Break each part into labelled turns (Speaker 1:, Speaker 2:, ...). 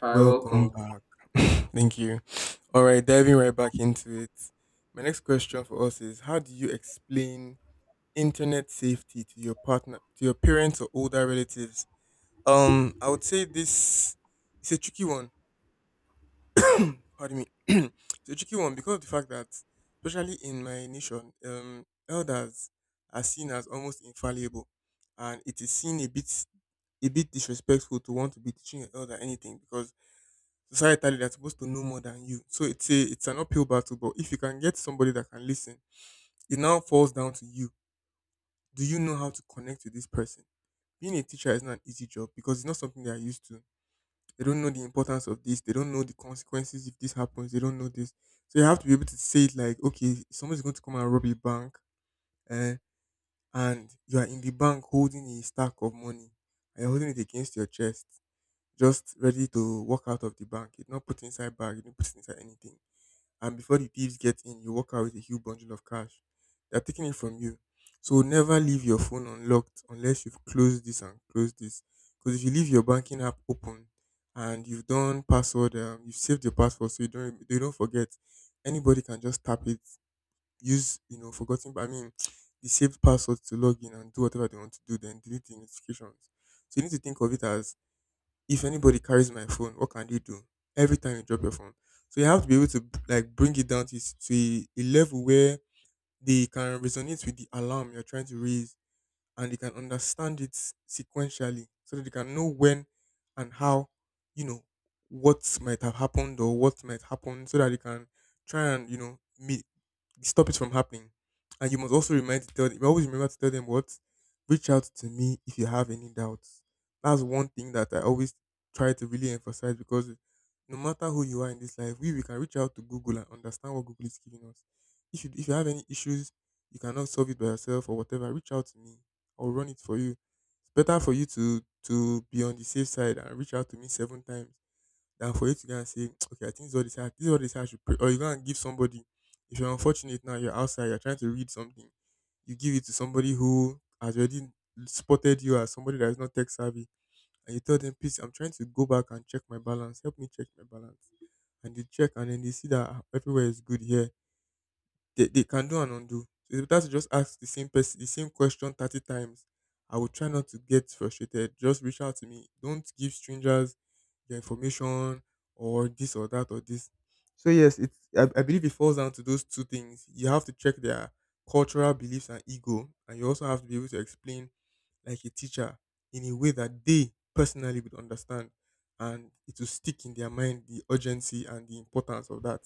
Speaker 1: Hi,
Speaker 2: Welcome
Speaker 1: welcome.
Speaker 2: back. Thank you. All right, diving right back into it. My next question for us is how do you explain internet safety to your partner, to your parents or older relatives? I would say this is a tricky one. Pardon me. It's a tricky one because of the fact that, especially in my nation, elders are seen as almost infallible, and it is seen a bit disrespectful to want to be teaching an elder anything because societally that's supposed to know more than you. So it's an uphill battle. But if you can get somebody that can listen, it now falls down to you. Do you know how to connect with this person? Being a teacher is not an easy job because it's not something they are used to. They don't know the importance of this. They don't know the consequences if this happens. They don't know this. So you have to be able to say it like, okay, somebody's going to come and rob a bank, eh, and you are in the bank holding a stack of money. And you're holding it against your chest, just ready to walk out of the bank. You did not put it inside bag. You didn't put it inside anything, and before the thieves get in, you walk out with a huge bundle of cash. They're taking it from you. So never leave your phone unlocked unless you've closed this and closed this. Because if you leave your banking app open and you've done password, you've saved your password so you don't they don't forget, anybody can just tap it, use the saved password to log in and do whatever they want to do, then delete the notifications. So you need to think of it as, if anybody carries my phone, what can you do? Every time you drop your phone. So you have to be able to like bring it down to, to a level where they can resonate with the alarm you're trying to raise, and they can understand it sequentially so that they can know when and how, you know, what might have happened or what might happen so that they can try and, you know, meet, stop it from happening. And you must also remind to tell them, always remember to tell them what reach out to me if you have any doubts. That's one thing that I always try to really emphasize because no matter who you are in this life, we can reach out to Google and understand what Google is giving us. If you have any issues, you cannot solve it by yourself or whatever, reach out to me. I'll run it for you. It's better for you to be on the safe side and reach out to me seven times than for you to go and say, okay, I think this is what they say, this is what they say I should pray. Or you go and give somebody, if you're unfortunate now, you're outside, you're trying to read something, you give it to somebody who has already spotted you as somebody that is not tech savvy, and you tell them, please, I'm trying to go back and check my balance. Help me check my balance. And they check, and then they see that ah, everywhere is good here. They can do and undo. So it's better to just ask the same person the same question 30 times. I will try not to get frustrated. Just reach out to me. Don't give strangers your information or this or that or this. So yes, it's I believe it falls down to those two things. You have to check their cultural beliefs and ego, and you also have to be able to explain like a teacher in a way that they personally would understand, and it will stick in their mind the urgency and the importance of that.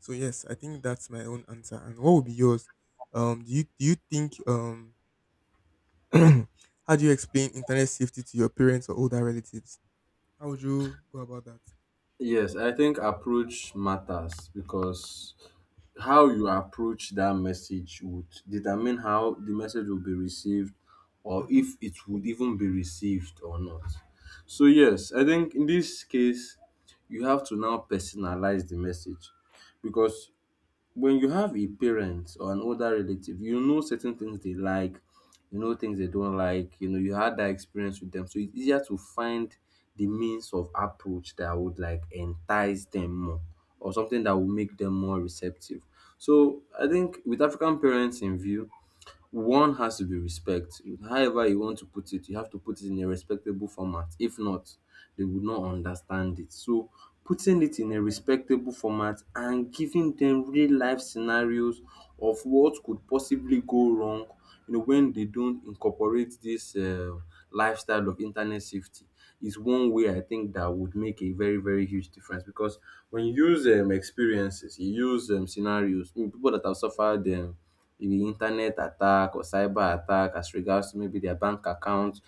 Speaker 2: So yes, I think that's my own answer. And what would be yours? Do you think how do you explain internet safety to your parents or older relatives? How would you go about that?
Speaker 1: Yes, I think approach matters because how you approach that message would determine how the message will be received or
Speaker 2: Mm-hmm.
Speaker 1: if it would even be received or not. So, yes, I think in this case, you have to now personalize the message because when you have a parent or an older relative, you know certain things they like, you know things they don't like, you know, you had that experience with them. So it's easier to find the means of approach that would like entice them more or something that will make them more receptive. So I think with African parents in view, one has to be respect. However you want to put it, you have to put it in a respectable format. If not, they would not understand it. So putting it in a respectable format and giving them real life scenarios of what could possibly go wrong, you know, when they don't incorporate this lifestyle of internet safety is one way I think that would make a very, very huge difference because when you use experiences, you use scenarios, people that have suffered maybe internet attack or cyber attack as regards to maybe their bank account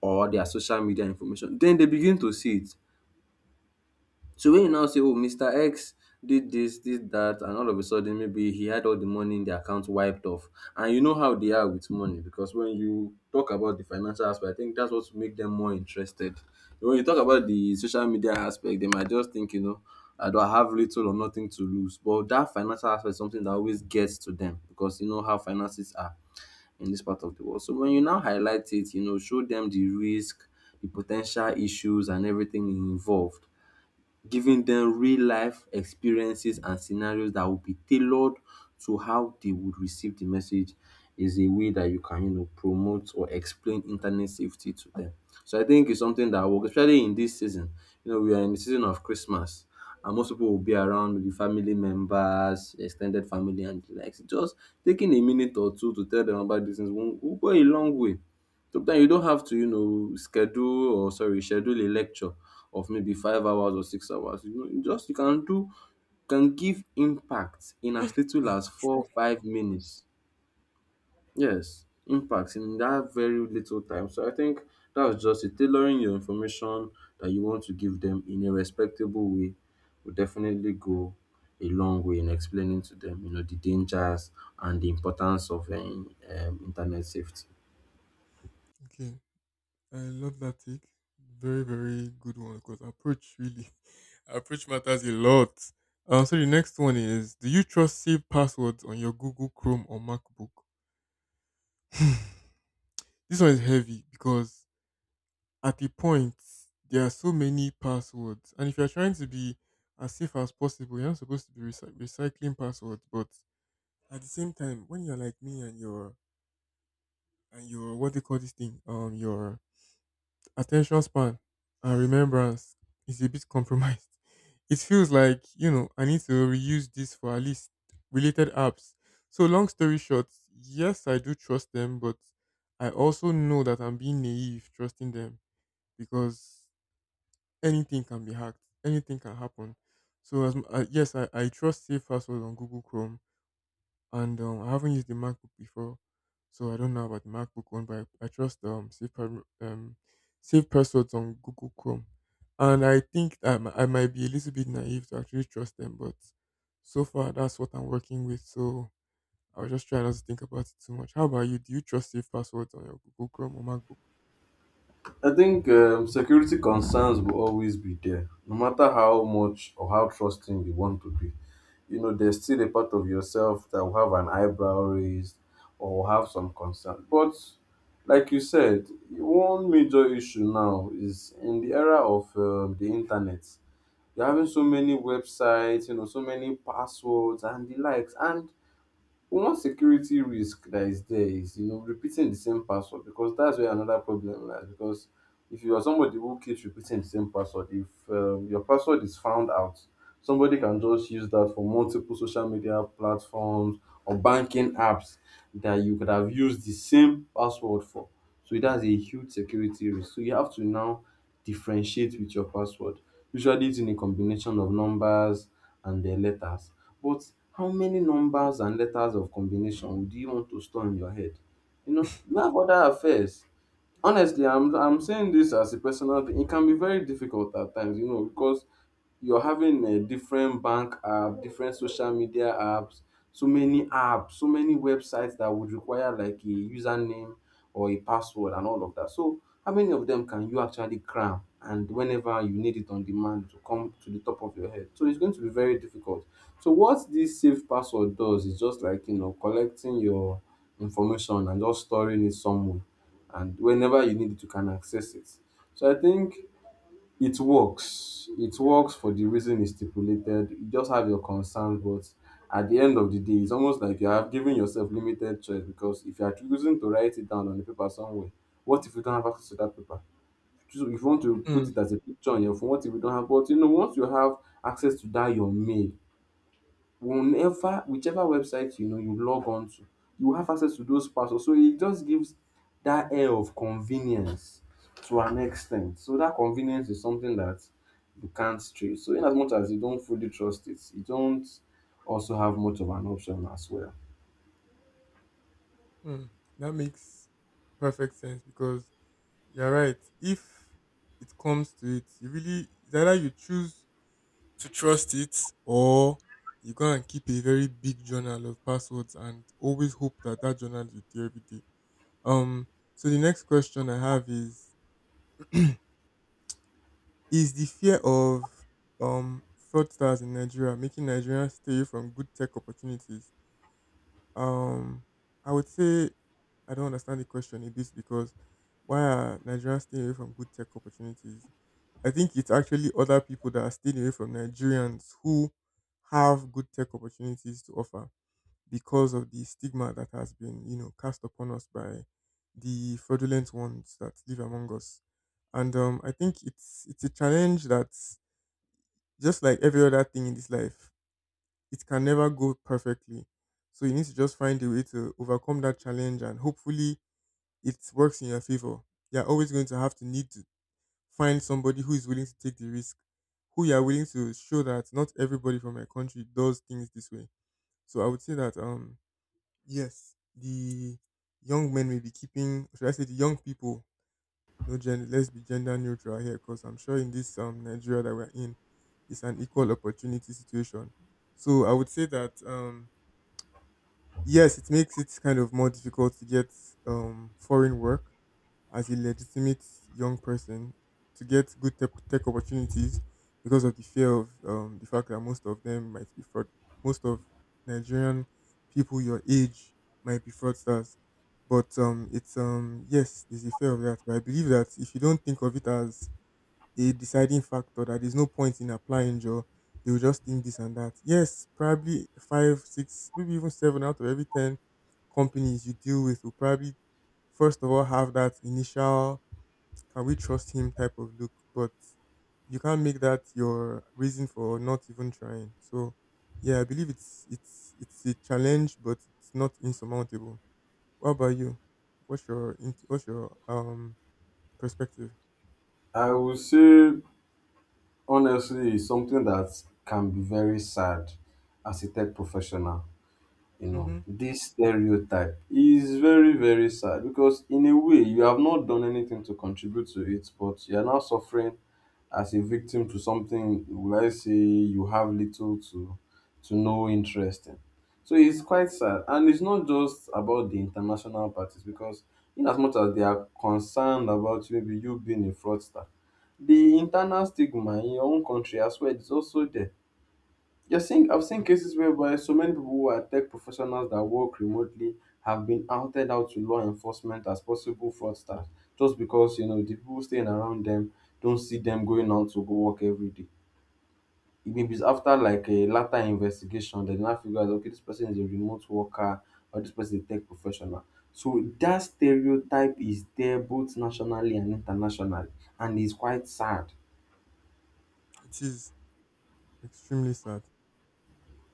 Speaker 1: or their social media information, then they begin to see it. So when you now say, oh, Mr. X did this, did that, and all of a sudden maybe he had all the money in the account wiped off. And you know how they are with money because when you talk about the financial aspect, I think that's what make them more interested. When you talk about the social media aspect, they might just think, you know, I don't have little or nothing to lose. But that financial aspect is something that always gets to them because you know how finances are in this part of the world. So when you now highlight it, you know, show them the risk, the potential issues and everything involved giving them real life experiences and scenarios that will be tailored to how they would receive the message is a way that you can, you know, promote or explain internet safety to them. So I think it's something that works, especially in this season. You know, we are in the season of Christmas and most people will be around with the family members, extended family and the likes. Just taking a minute or two to tell them about these things will go a long way. Sometimes you don't have to, you know, schedule a lecture of maybe 5 hours or 6 hours. You know, you just you can do can give impact in as little as
Speaker 2: That's true.
Speaker 1: 4, 5 minutes. Yes, impact in that very little time. So I think that's just it. Tailoring your information that you want to give them in a respectable way will definitely go a long way in explaining to them, you know, the dangers and the importance of internet safety.
Speaker 2: Okay, I love that take. Very very good one because approach really approach matters a lot. So the next one is: do you trust safe passwords on your Google Chrome or MacBook? This one is heavy because, at a point, there are so many passwords, and if you're trying to be as safe as possible, you're not supposed to be recycling passwords. But at the same time, when you're like me and your what they call this thing, your attention span and remembrance is a bit compromised. It feels like, you know, I need to reuse this for at least related apps. So long story short, yes, I do trust them, but I also know that I'm being naive trusting them because anything can be hacked. Anything can happen. So yes, I trust safe passwords on Google Chrome, and I haven't used the MacBook before, so I don't know about the MacBook one, but I trust um safe passwords on Google Chrome, and I think I might be a little bit naive to actually trust them, but so far that's what I'm working with. So I'll just try not to think about it too much. How about you? Do you trust safe passwords on your Google Chrome or MacBook?
Speaker 1: I think security concerns will always be there, no matter how much or how trusting you want to be. You know, there's still a part of yourself that will have an eyebrow raised or will have some concern. But like you said, one major issue now is in the era of the internet. You're having so many websites, you know, so many passwords and the likes, and one security risk that is there is, you know, repeating the same password because that's where another problem lies. Because if you are somebody who keeps repeating the same password, if your password is found out, somebody can just use that for multiple social media platforms or banking apps that you could have used the same password for. So that's a huge security risk. So you have to now differentiate with your password. Usually, it's in a combination of numbers and their letters but how many numbers and letters of combination do you want to store in your head? You know, you have other affairs. Honestly, I'm saying this as a personal thing. It can be very difficult at times, you know, because you're having a different bank app, different social media apps, so many websites that would require like a username or a password and all of that. So how many of them can you actually cram and whenever you need it on demand to come to the top of your head? So it's going to be very difficult. So what this saved password does is just like you know collecting your information and just storing it somewhere and whenever you need it you can access it. So I think it works. It works for the reason it's stipulated. You just have your concerns, but at the end of the day, it's almost like you have given yourself limited choice because if you are choosing to write it down on the paper somewhere, what if you don't have access to that paper? So if you want to
Speaker 2: Mm,
Speaker 1: put it as a picture on your phone, what if you don't have? But you know, once you have access to that, your mail, whenever whichever website you know you log on to, you have access to those passwords, so it just gives that air of convenience to an extent, so that convenience is something that you can't trace. So in as much as you don't fully trust it, you don't also have much of an option as well.
Speaker 2: mm. That makes perfect sense because you're right. If it comes to it, you really, it's either you choose to trust it or you go and keep a very big journal of passwords and always hope that that journal is with you every day. Um. So the next question I have is: is the fear of um fraudsters in Nigeria making Nigerians stay from good tech opportunities? Um. I would say I don't understand the question a bit because why are Nigerians staying away from good tech opportunities? I think it's actually other people that are staying away from Nigerians who have good tech opportunities to offer because of the stigma that has been, you know, cast upon us by the fraudulent ones that live among us. And I think it's a challenge that, just like every other thing in this life, it can never go perfectly. So you need to just find a way to overcome that challenge, and hopefully it works in your favor. You're always going to have to need to find somebody who is willing to take the risk, who you are willing to show that not everybody from my country does things this way. So I would say that yes, the young men may be keeping, should I say the young people, no gender, let's be gender neutral here because I'm sure in this Nigeria that we're in, it's an equal opportunity situation. So I would say that yes, it makes it kind of more difficult to get foreign work as a legitimate young person, to get good tech opportunities because of the fear of the fact that most of them might be fraud. Most of Nigerian people your age might be fraudsters. But it's yes, there's a fear of that. But I believe that if you don't think of it as a deciding factor, that there's no point in applying, Joe, they will just think this and that. Yes, probably five, six, maybe even seven out of every ten companies you deal with will probably first of all have that initial "can we trust him" type of look. But you can't make that your reason for not even trying. So yeah, I believe it's a challenge, but it's not insurmountable. What about you? What's your perspective?
Speaker 1: I would say, honestly, it's something that can be very sad as a tech professional. You know,
Speaker 2: Mm-hmm.
Speaker 1: this stereotype is very very sad because in a way you have not done anything to contribute to it but you are now suffering as a victim to something, will I say, you have little to no interest in. So it's quite sad and it's not just about the international parties because in as much as they are concerned about maybe you being a fraudster, the internal stigma in your own country as well is also there. You're seeing, I've seen cases whereby so many people who are tech professionals that work remotely have been outed out to law enforcement as possible fraudsters just because you know the people staying around them don't see them going out to go work every day. It may be after like a later investigation that they now figure out okay, this person is a remote worker or this person is a tech professional. So that stereotype is there both nationally and internationally, and it's quite sad.
Speaker 2: It is extremely sad.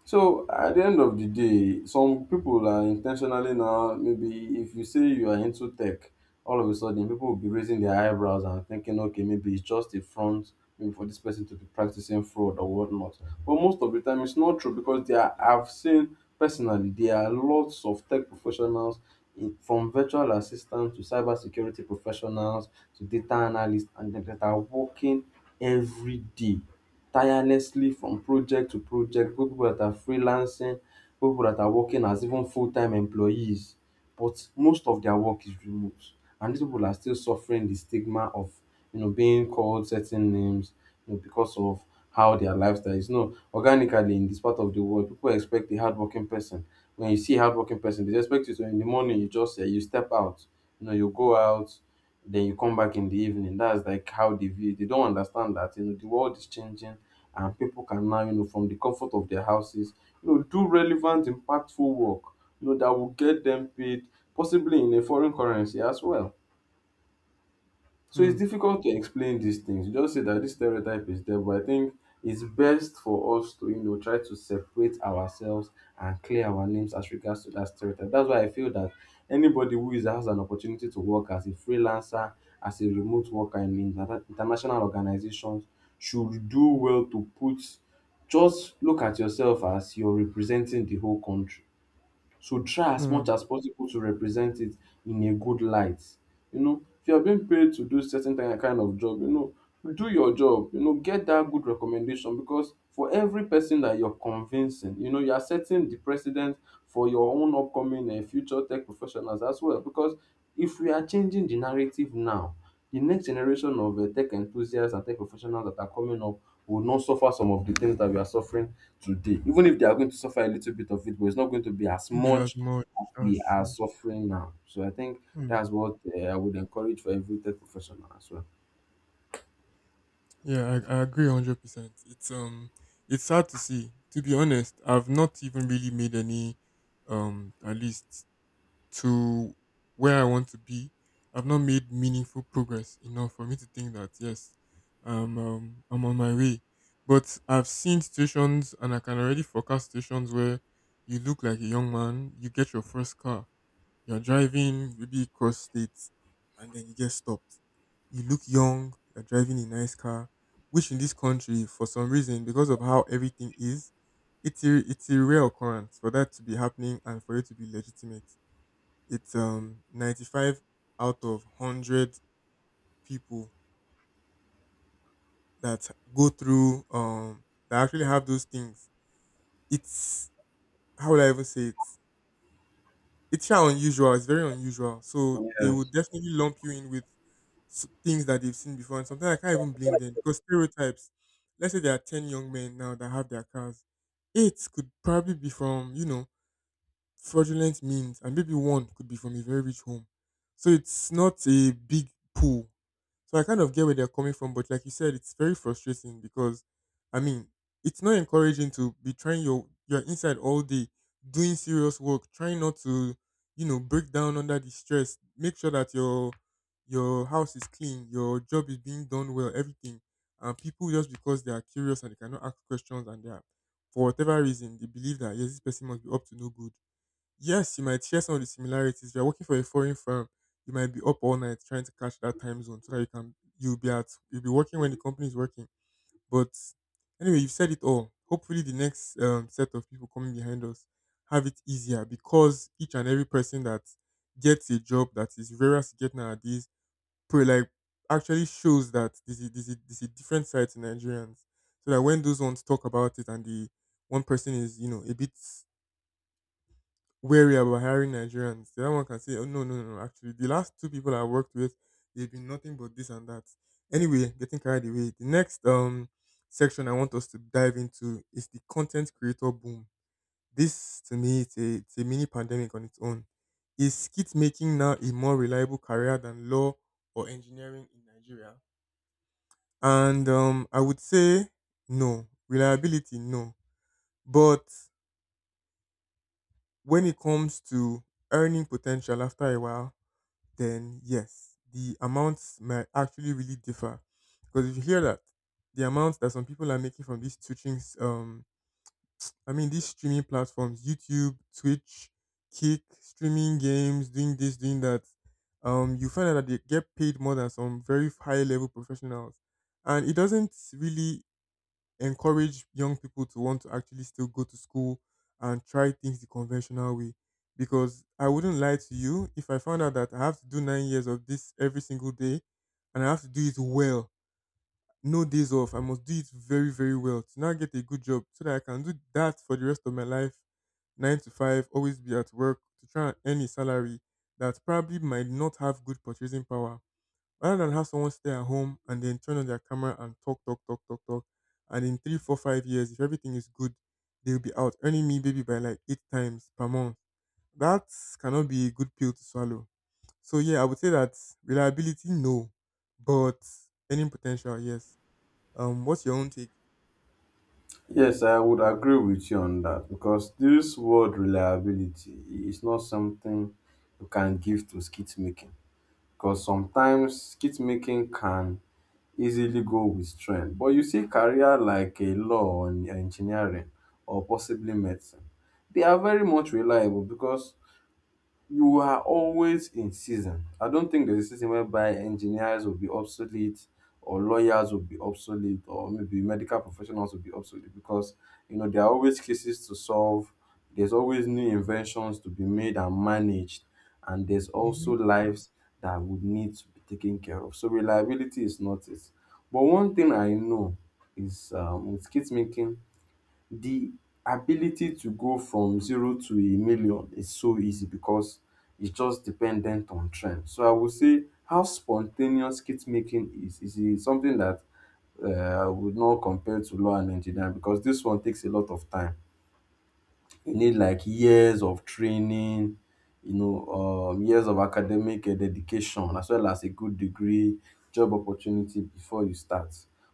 Speaker 1: So at the end of the day, some people are intentionally now, maybe if you say you are into tech, all of a sudden people will be raising their eyebrows and thinking, okay, maybe it's just a front maybe for this person to be practicing fraud or whatnot. But most of the time it's not true because there are, I've seen personally there are lots of tech professionals in, from virtual assistants to cybersecurity professionals to data analysts and them that are working every day tirelessly from project to project, people that are freelancing, people that are working as even full-time employees. But most of their work is remote. And these people are still suffering the stigma of, you know, being called certain names, you know, because of how their lifestyle is. No, organically in this part of the world, people expect a hardworking person. When you see a hardworking person, they just expect you to in the morning you just you step out, you know, you go out, then you come back in the evening. That's like how they view it. They don't understand that you know the world is changing and people can now, you know, from the comfort of their houses, you know, do relevant, impactful work, you know, that will get them paid, possibly in a foreign currency as well. So it's
Speaker 2: Hmm.
Speaker 1: difficult to explain these things. You just say that this stereotype is there, but I think it's best for us to, you know, try to separate ourselves and clear our names as regards to that stereotype. That's why I feel that anybody who is has an opportunity to work as a freelancer, as a remote worker in international organizations, should do well to put just look at yourself as you're representing the whole country so try as
Speaker 2: Hmm.
Speaker 1: much as possible to represent it in a good light. You know, if you are being paid to do certain kind of job, you know, do your job. You know, get that good recommendation because for every person that you're convincing, you know, you are setting the precedent for your own upcoming and future tech professionals as well. Because if we are changing the narrative now, the next generation of tech enthusiasts and tech professionals that are coming up will not suffer some of the things that we are suffering today, even if they are going to suffer a little bit of it, but it's not going to be as
Speaker 2: Shouldn't be as
Speaker 1: much
Speaker 2: much.
Speaker 1: as we
Speaker 2: That's
Speaker 1: are
Speaker 2: true.
Speaker 1: suffering now. So I think
Speaker 2: Hmm.
Speaker 1: that's what I would encourage for every tech professional as well.
Speaker 2: Yeah, I agree 100%. It's sad to see. To be honest, I've not even really made any at least, to where I want to be, I've not made meaningful progress enough for me to think that yes, I'm on my way. But I've seen situations, and I can already forecast situations where you look like a young man, you get your first car, you're driving maybe cross states, and then you get stopped. You look young, you're driving a nice car, which in this country, for some reason, because of how everything is, it's a rare occurrence for that to be happening and for it to be legitimate. It's 95 out of 100 people that go through that actually have those things. It's How would I even say it? It's sha unusual. It's very unusual. So they will
Speaker 1: Yes.
Speaker 2: definitely lump you in with things that they've seen before. And sometimes I can't even blame them because stereotypes. Let's say there are 10 young men now that have their cars. Eight could probably be from, fraudulent means, and maybe one could be from a very rich home. So it's not a big pool. So I kind of get where they're coming from, but like you said, it's very frustrating because I mean, it's not encouraging to be trying your inside all day doing serious work, trying not to, break down under the stress. Make sure that your house is clean, your job is being done well, everything. And people, just because they are curious and they cannot ask questions and they are, for whatever reason, they believe that yes, this person must be up to no good. Yes, you might share some of the similarities. If you're working for a foreign firm, you might be up all night trying to catch that time zone so that you can you'll be at you'll be working when the company is working. But anyway, you've said it all. Hopefully, the next set of people coming behind us have it easier because each and every person that gets a job that is rare to get nowadays, like actually shows that there's a different side to Nigerians. So that when those ones talk about it and the one person is a bit wary about hiring Nigerians. The other one can say, oh, no, no, no, no, actually, the last two people I worked with, they've been nothing but this and that. Anyway, getting carried away. The next section I want us to dive into is the content creator boom. This, to me, it's a mini pandemic on its own. Is skit making now a more reliable career than law or engineering in Nigeria? And I would say no. Reliability, no. But when it comes to earning potential after a while, then yes, the amounts might actually really differ. Because if you hear that, the amounts that some people are making from I mean, these streaming platforms, YouTube, Twitch, Kick, streaming games, doing this, doing that, you find out that they get paid more than some very high level professionals. And it doesn't really encourage young people to want to actually still go to school and try things the conventional way. Because I wouldn't lie to you, if I found out that I have to do 9 years of this every single day and I have to do it well, no days off, I must do it very, very well to now get a good job so that I can do that for the rest of my life, nine to five, always be at work to try and earn a salary that probably might not have good purchasing power rather than have someone stay at home and then turn on their camera and talk, talk, talk, talk, talk. And in 3, 4, 5 years, if everything is good, they'll be out earning me maybe by like 8 times per month. That cannot be a good pill to swallow. So yeah, I would say that reliability, no, but earning potential, yes. What's your own take?
Speaker 1: Yes, I would agree with you on that because this word reliability is not something you can give to skit making, because sometimes skit making can easily go with trend. But you see career like a law and engineering or possibly medicine, they are very much reliable because you are always in season. I don't think there's a season whereby engineers will be obsolete or lawyers will be obsolete or maybe medical professionals will be obsolete, because you know there are always cases to solve. There's always new inventions to be made and managed, and there's
Speaker 2: Hmm.
Speaker 1: also lives that would need to be taken care of. So reliability is not it. But one thing I know is, with kit making, the ability to go from zero to a million is so easy, because it's just dependent on trend. So I would say how spontaneous kit making is is something that I would not compare to law and engineering, because this one takes a lot of time. You need like years of training, you know, years of academic dedication as well as a good degree, job opportunity before you start.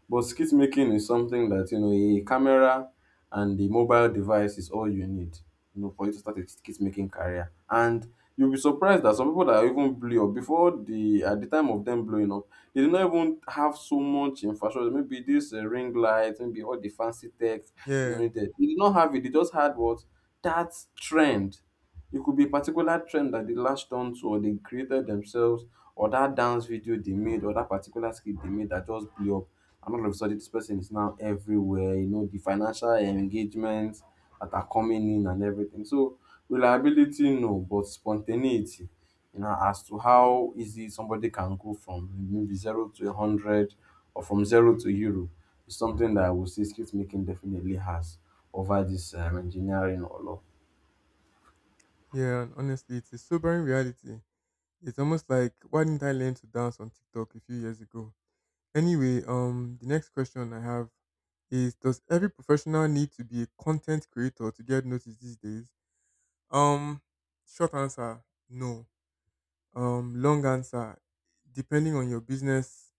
Speaker 1: But skit making is something that you know a camera and a mobile device is all you need, you know, for you to start a skit making career. And you'll be surprised that some people that even blow up before the at the time of them blowing up, they do not even have so much infrastructure. Maybe this ring light, maybe all the fancy tech you know
Speaker 2: Yeah,
Speaker 1: needed. They did not have it. They just had what that trend. It could be a particular trend that they latched onto or they created themselves, or that dance video they made, or that particular skit they made that just blew up. And all of a sudden, this person is now everywhere. You know, the financial engagements that are coming in and everything. So, reliability, no, but spontaneity, you know, as to how easy somebody can go from maybe zero to a 100 or from zero to euro is something that I would say skit making definitely has over this engineering or law.
Speaker 2: yeah. And honestly, it's a sobering reality. It's almost like why didn't I learn to dance on TikTok a few years ago? Anyway, the next question I have is: Does every professional need to be a content creator to get noticed these days? Um, Short answer: No. Long answer: Depending on your business,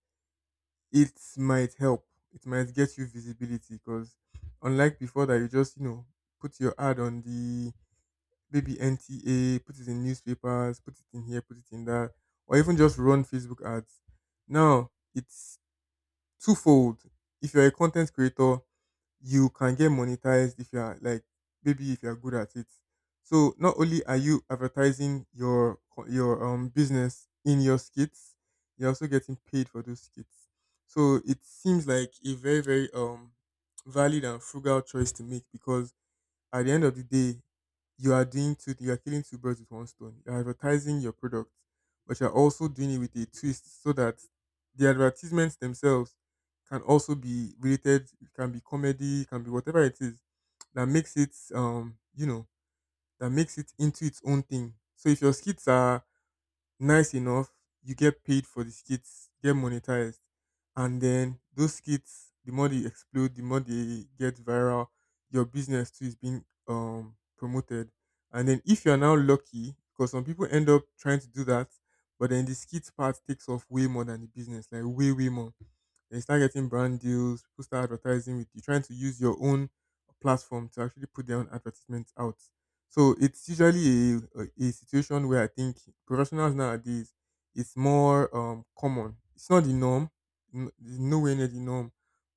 Speaker 2: it might help. It might get you visibility because, unlike before, that you just put your ad on the maybe NTA, put it in newspapers, put it in here, put it in that, or even just run Facebook ads. Now it's twofold. If you're a content creator, you can get monetized if you're like, maybe if you're good at it. So not only are you advertising your business in your skits, you're also getting paid for those skits. So it seems like a very very valid and frugal choice to make because at the end of the day, you are killing two birds with one stone. You're advertising your product, but you're also doing it with a twist so that the advertisements themselves can also be related, it can be comedy, it can be whatever it is that makes it, that makes it into its own thing. So if your skits are nice enough, you get paid for the skits, get monetized, and then those skits, the more they explode, the more they get viral, your business too is being promoted. And then if you're now lucky, because some people end up trying to do that, but then the skits part takes off way more than the business, like way, way more. Then you start getting brand deals. People start advertising with you, trying to use your own platform to actually put their own advertisements out. So it's usually a situation where I think professionals nowadays it's more common. It's not the norm, it's nowhere near the norm,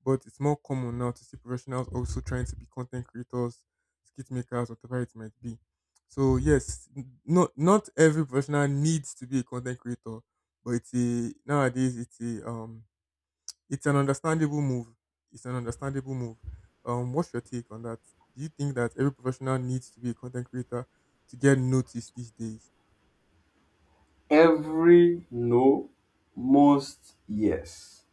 Speaker 2: but it's more common now to see professionals also trying to be content creators, skit makers, whatever it might be. So yes, not every professional needs to be a content creator, but it's a nowadays it's a it's an understandable move. It's an understandable move. What's your take on that? Do you think that every professional needs to be a content creator to get noticed these days?
Speaker 1: Every no, most yes.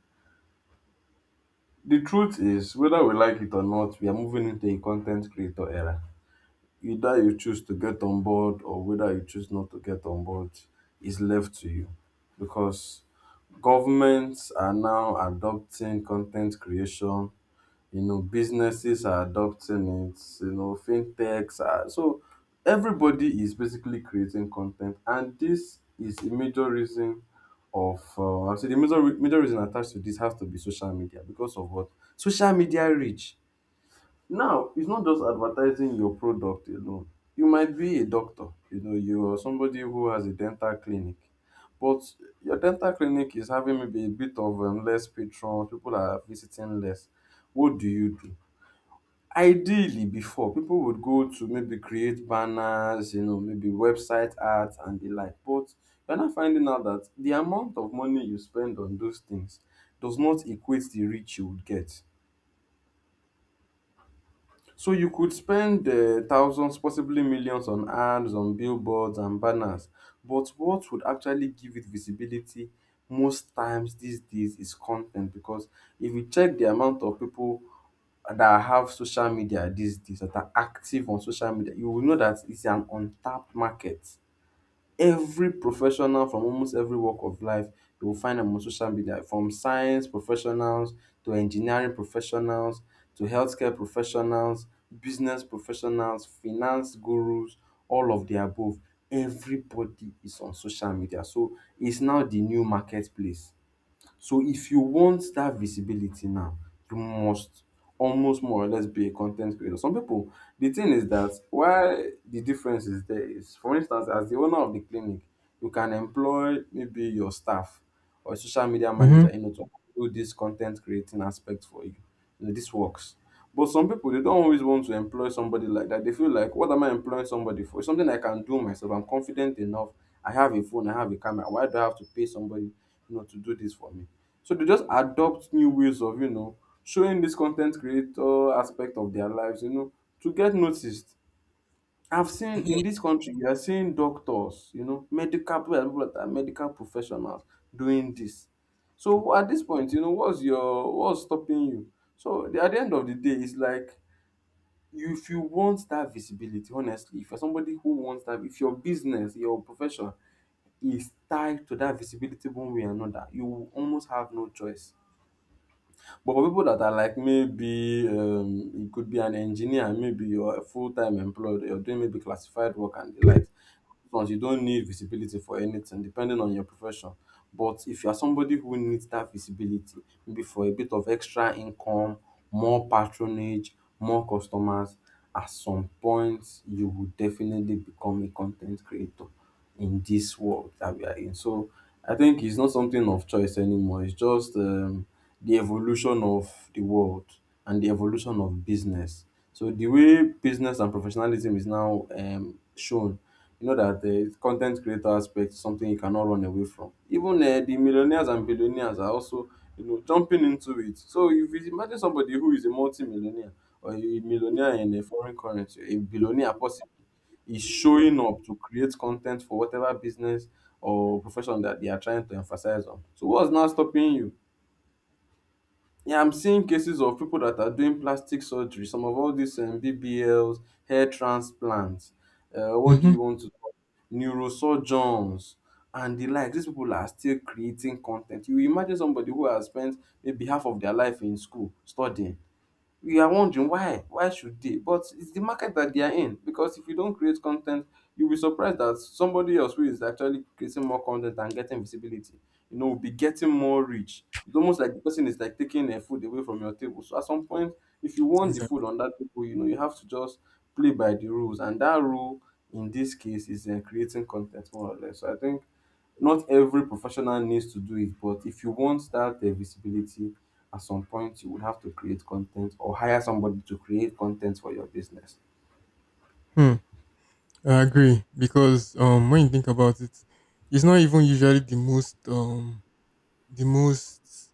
Speaker 1: The truth is, whether we like it or not, we are moving into a content creator era. Either you choose to get on board or whether you choose not to get on board is left to you, because governments are now adopting content creation, you know, businesses are adopting it, you know, fintechs are, so everybody is basically creating content, and this is a major reason of, I'll say the major major reason attached to this has to be social media, because of what social media reach. Now it's not just advertising your product alone. You might be a doctor, you know, you are somebody who has a dental clinic, but your dental clinic is having maybe a bit of less patrons, people are visiting less, what do you do? Ideally before, people would go to maybe create banners, you know, maybe website art and the like. But you're not finding out that the amount of money you spend on those things does not equate the reach you would get. So you could spend thousands, possibly millions on ads, on billboards and banners, but what would actually give it visibility most times these days is content, because if you check the amount of people that have social media these days that are active on social media, you will know that it's an untapped market. Every professional from almost every walk of life, you will find them on social media, from science professionals to engineering professionals to healthcare professionals, business professionals, finance gurus, all of the above, everybody is on social media, so it's now the new marketplace. So if you want that visibility now, you must almost more or less be a content creator. Some people, the thing is that why the difference is there is, for instance, as the owner of the clinic, you can employ maybe your staff or a social media
Speaker 2: Mm-hmm.
Speaker 1: manager, you know, to do this content creating aspect for you. You know, this works. But some people they don't always want to employ somebody like that. They feel like, what am I employing somebody for? It's something I can do myself. I'm confident enough. I have a phone, I have a camera. Why do I have to pay somebody, you know, to do this for me? So they just adopt new ways of, you know, showing this content creator aspect of their lives, you know, to get noticed. I've seen in this country, you are seeing doctors, you know, medical people, people that are medical professionals doing this. So at this point, you know, what's your what's stopping you? So at the end of the day, it's like, you, if you want that visibility honestly, if you're somebody who wants that, if your business, your profession is tied to that visibility one way or another, you will almost have no choice. But for people that are like, maybe you could be an engineer, maybe you're a full-time employed, you're doing maybe classified work and the likes. Those, you don't need visibility for anything, depending on your profession. But if you are somebody who needs that visibility, maybe for a bit of extra income, more patronage, more customers, at some point you will definitely become a content creator in this world that we are in. So I think it's not something of choice anymore. It's just, the evolution of the world and the evolution of business. So the way business and professionalism is now shown, you know, that the content creator aspect is something you cannot run away from. Even the millionaires and billionaires are also, you know, jumping into it. So if you imagine somebody who is a multi-millionaire or a millionaire in a foreign currency, a billionaire possibly, is showing up to create content for whatever business or profession that they are trying to emphasize on, so what's now stopping you? Yeah, I'm seeing cases of people that are doing plastic surgery, some of all these BBLs, hair transplants, what do
Speaker 2: Mm-hmm.
Speaker 1: you want to call, neurosurgeons and the like. These people are still creating content. You imagine somebody who has spent maybe half of their life in school studying, we are wondering why should they, but it's the market that they are in, because if you don't create content, you'll be surprised that somebody else who is actually creating more content and getting visibility, you know, will be getting more reach. It's almost like the person is like taking their food away from your table, so at some point, if you want the
Speaker 2: Exactly.
Speaker 1: food on that table, you know, you have to just play by the rules. And that rule in this case is creating content, more or less. So I think not every professional needs to do it, but if you want that visibility, at some point you would have to create content or hire somebody to create content for your business.
Speaker 2: Hmm. I agree because when you think about it, it's not even usually the most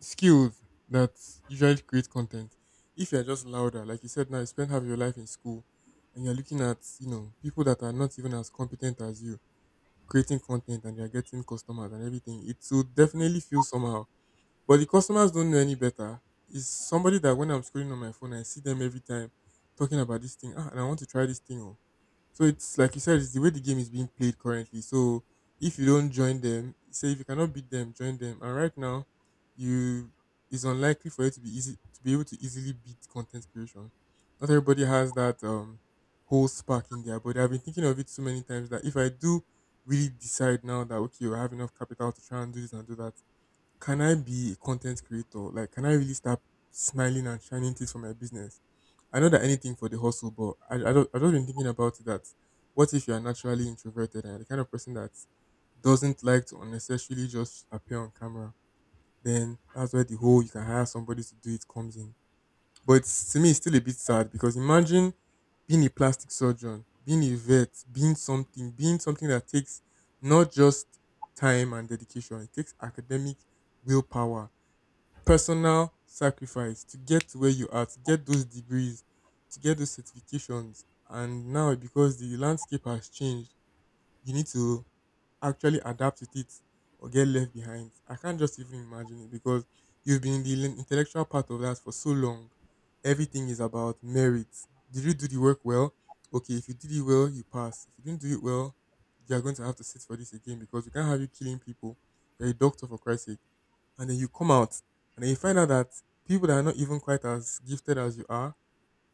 Speaker 2: skilled that usually create content. If you're just louder, like you said, now you spend half your life in school, and you're looking at people that are not even as competent as you creating content and you're getting customers and everything, it will definitely feel somehow. But the customers don't know any better. It's somebody that when I'm scrolling on my phone, I see them every time talking about this thing. Ah, and I want to try this thing. Oh. So it's like you said, it's the way the game is being played currently. So if you don't join them, say if you cannot beat them, join them. And right now, you it's unlikely for you to be able to easily beat content creation. Not everybody has that whole spark in their body. I've been thinking of it so many times that if I do really decide now that okay, I have enough capital to try and do this and do that, can I be a content creator? Like, can I really start smiling and shining things for my business? I know that anything for the hustle, but I don't been thinking about it that what if you are naturally introverted and you're the kind of person that doesn't like to unnecessarily just appear on camera? Then that's where the whole you can hire somebody to do it comes in. But it's, to me, it's still a bit sad because imagine being a plastic surgeon, being a vet, being something that takes not just time and dedication, it takes academic willpower, personal sacrifice to get to where you are, to get those degrees, to get those certifications. And now, because the landscape has changed, you need to actually adapt with it or get left behind. I can't just even imagine it because you've been in the intellectual part of that for so long. Everything is about merit. Did you do the work well? Okay, if you did it well, you pass. If you didn't do it well, you are going to have to sit for this again because we can't have you killing people. You're a doctor, for Christ's sake, and then you come out and then you find out that people that are not even quite as gifted as you are,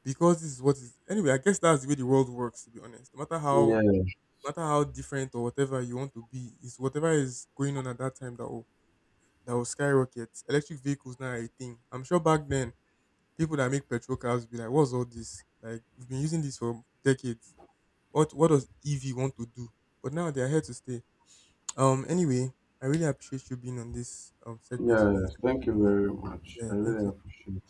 Speaker 2: because this is what is. Anyway, I guess that's the way the world works, to be honest. No matter how no
Speaker 1: Yes,
Speaker 2: matter how different or whatever you want to be, it's whatever is going on at that time that will skyrocket. Electric vehicles now are a thing. I'm sure back then people that make petrol cars will be like, what's all this? Like, we've been using this for decades. What does EV want to do? But now they are here to stay. Anyway, I really appreciate you being on this segment with me, this
Speaker 1: yes. Thank you
Speaker 2: episode with me.
Speaker 1: very much. I
Speaker 2: Yeah, thank
Speaker 1: really
Speaker 2: you.
Speaker 1: appreciate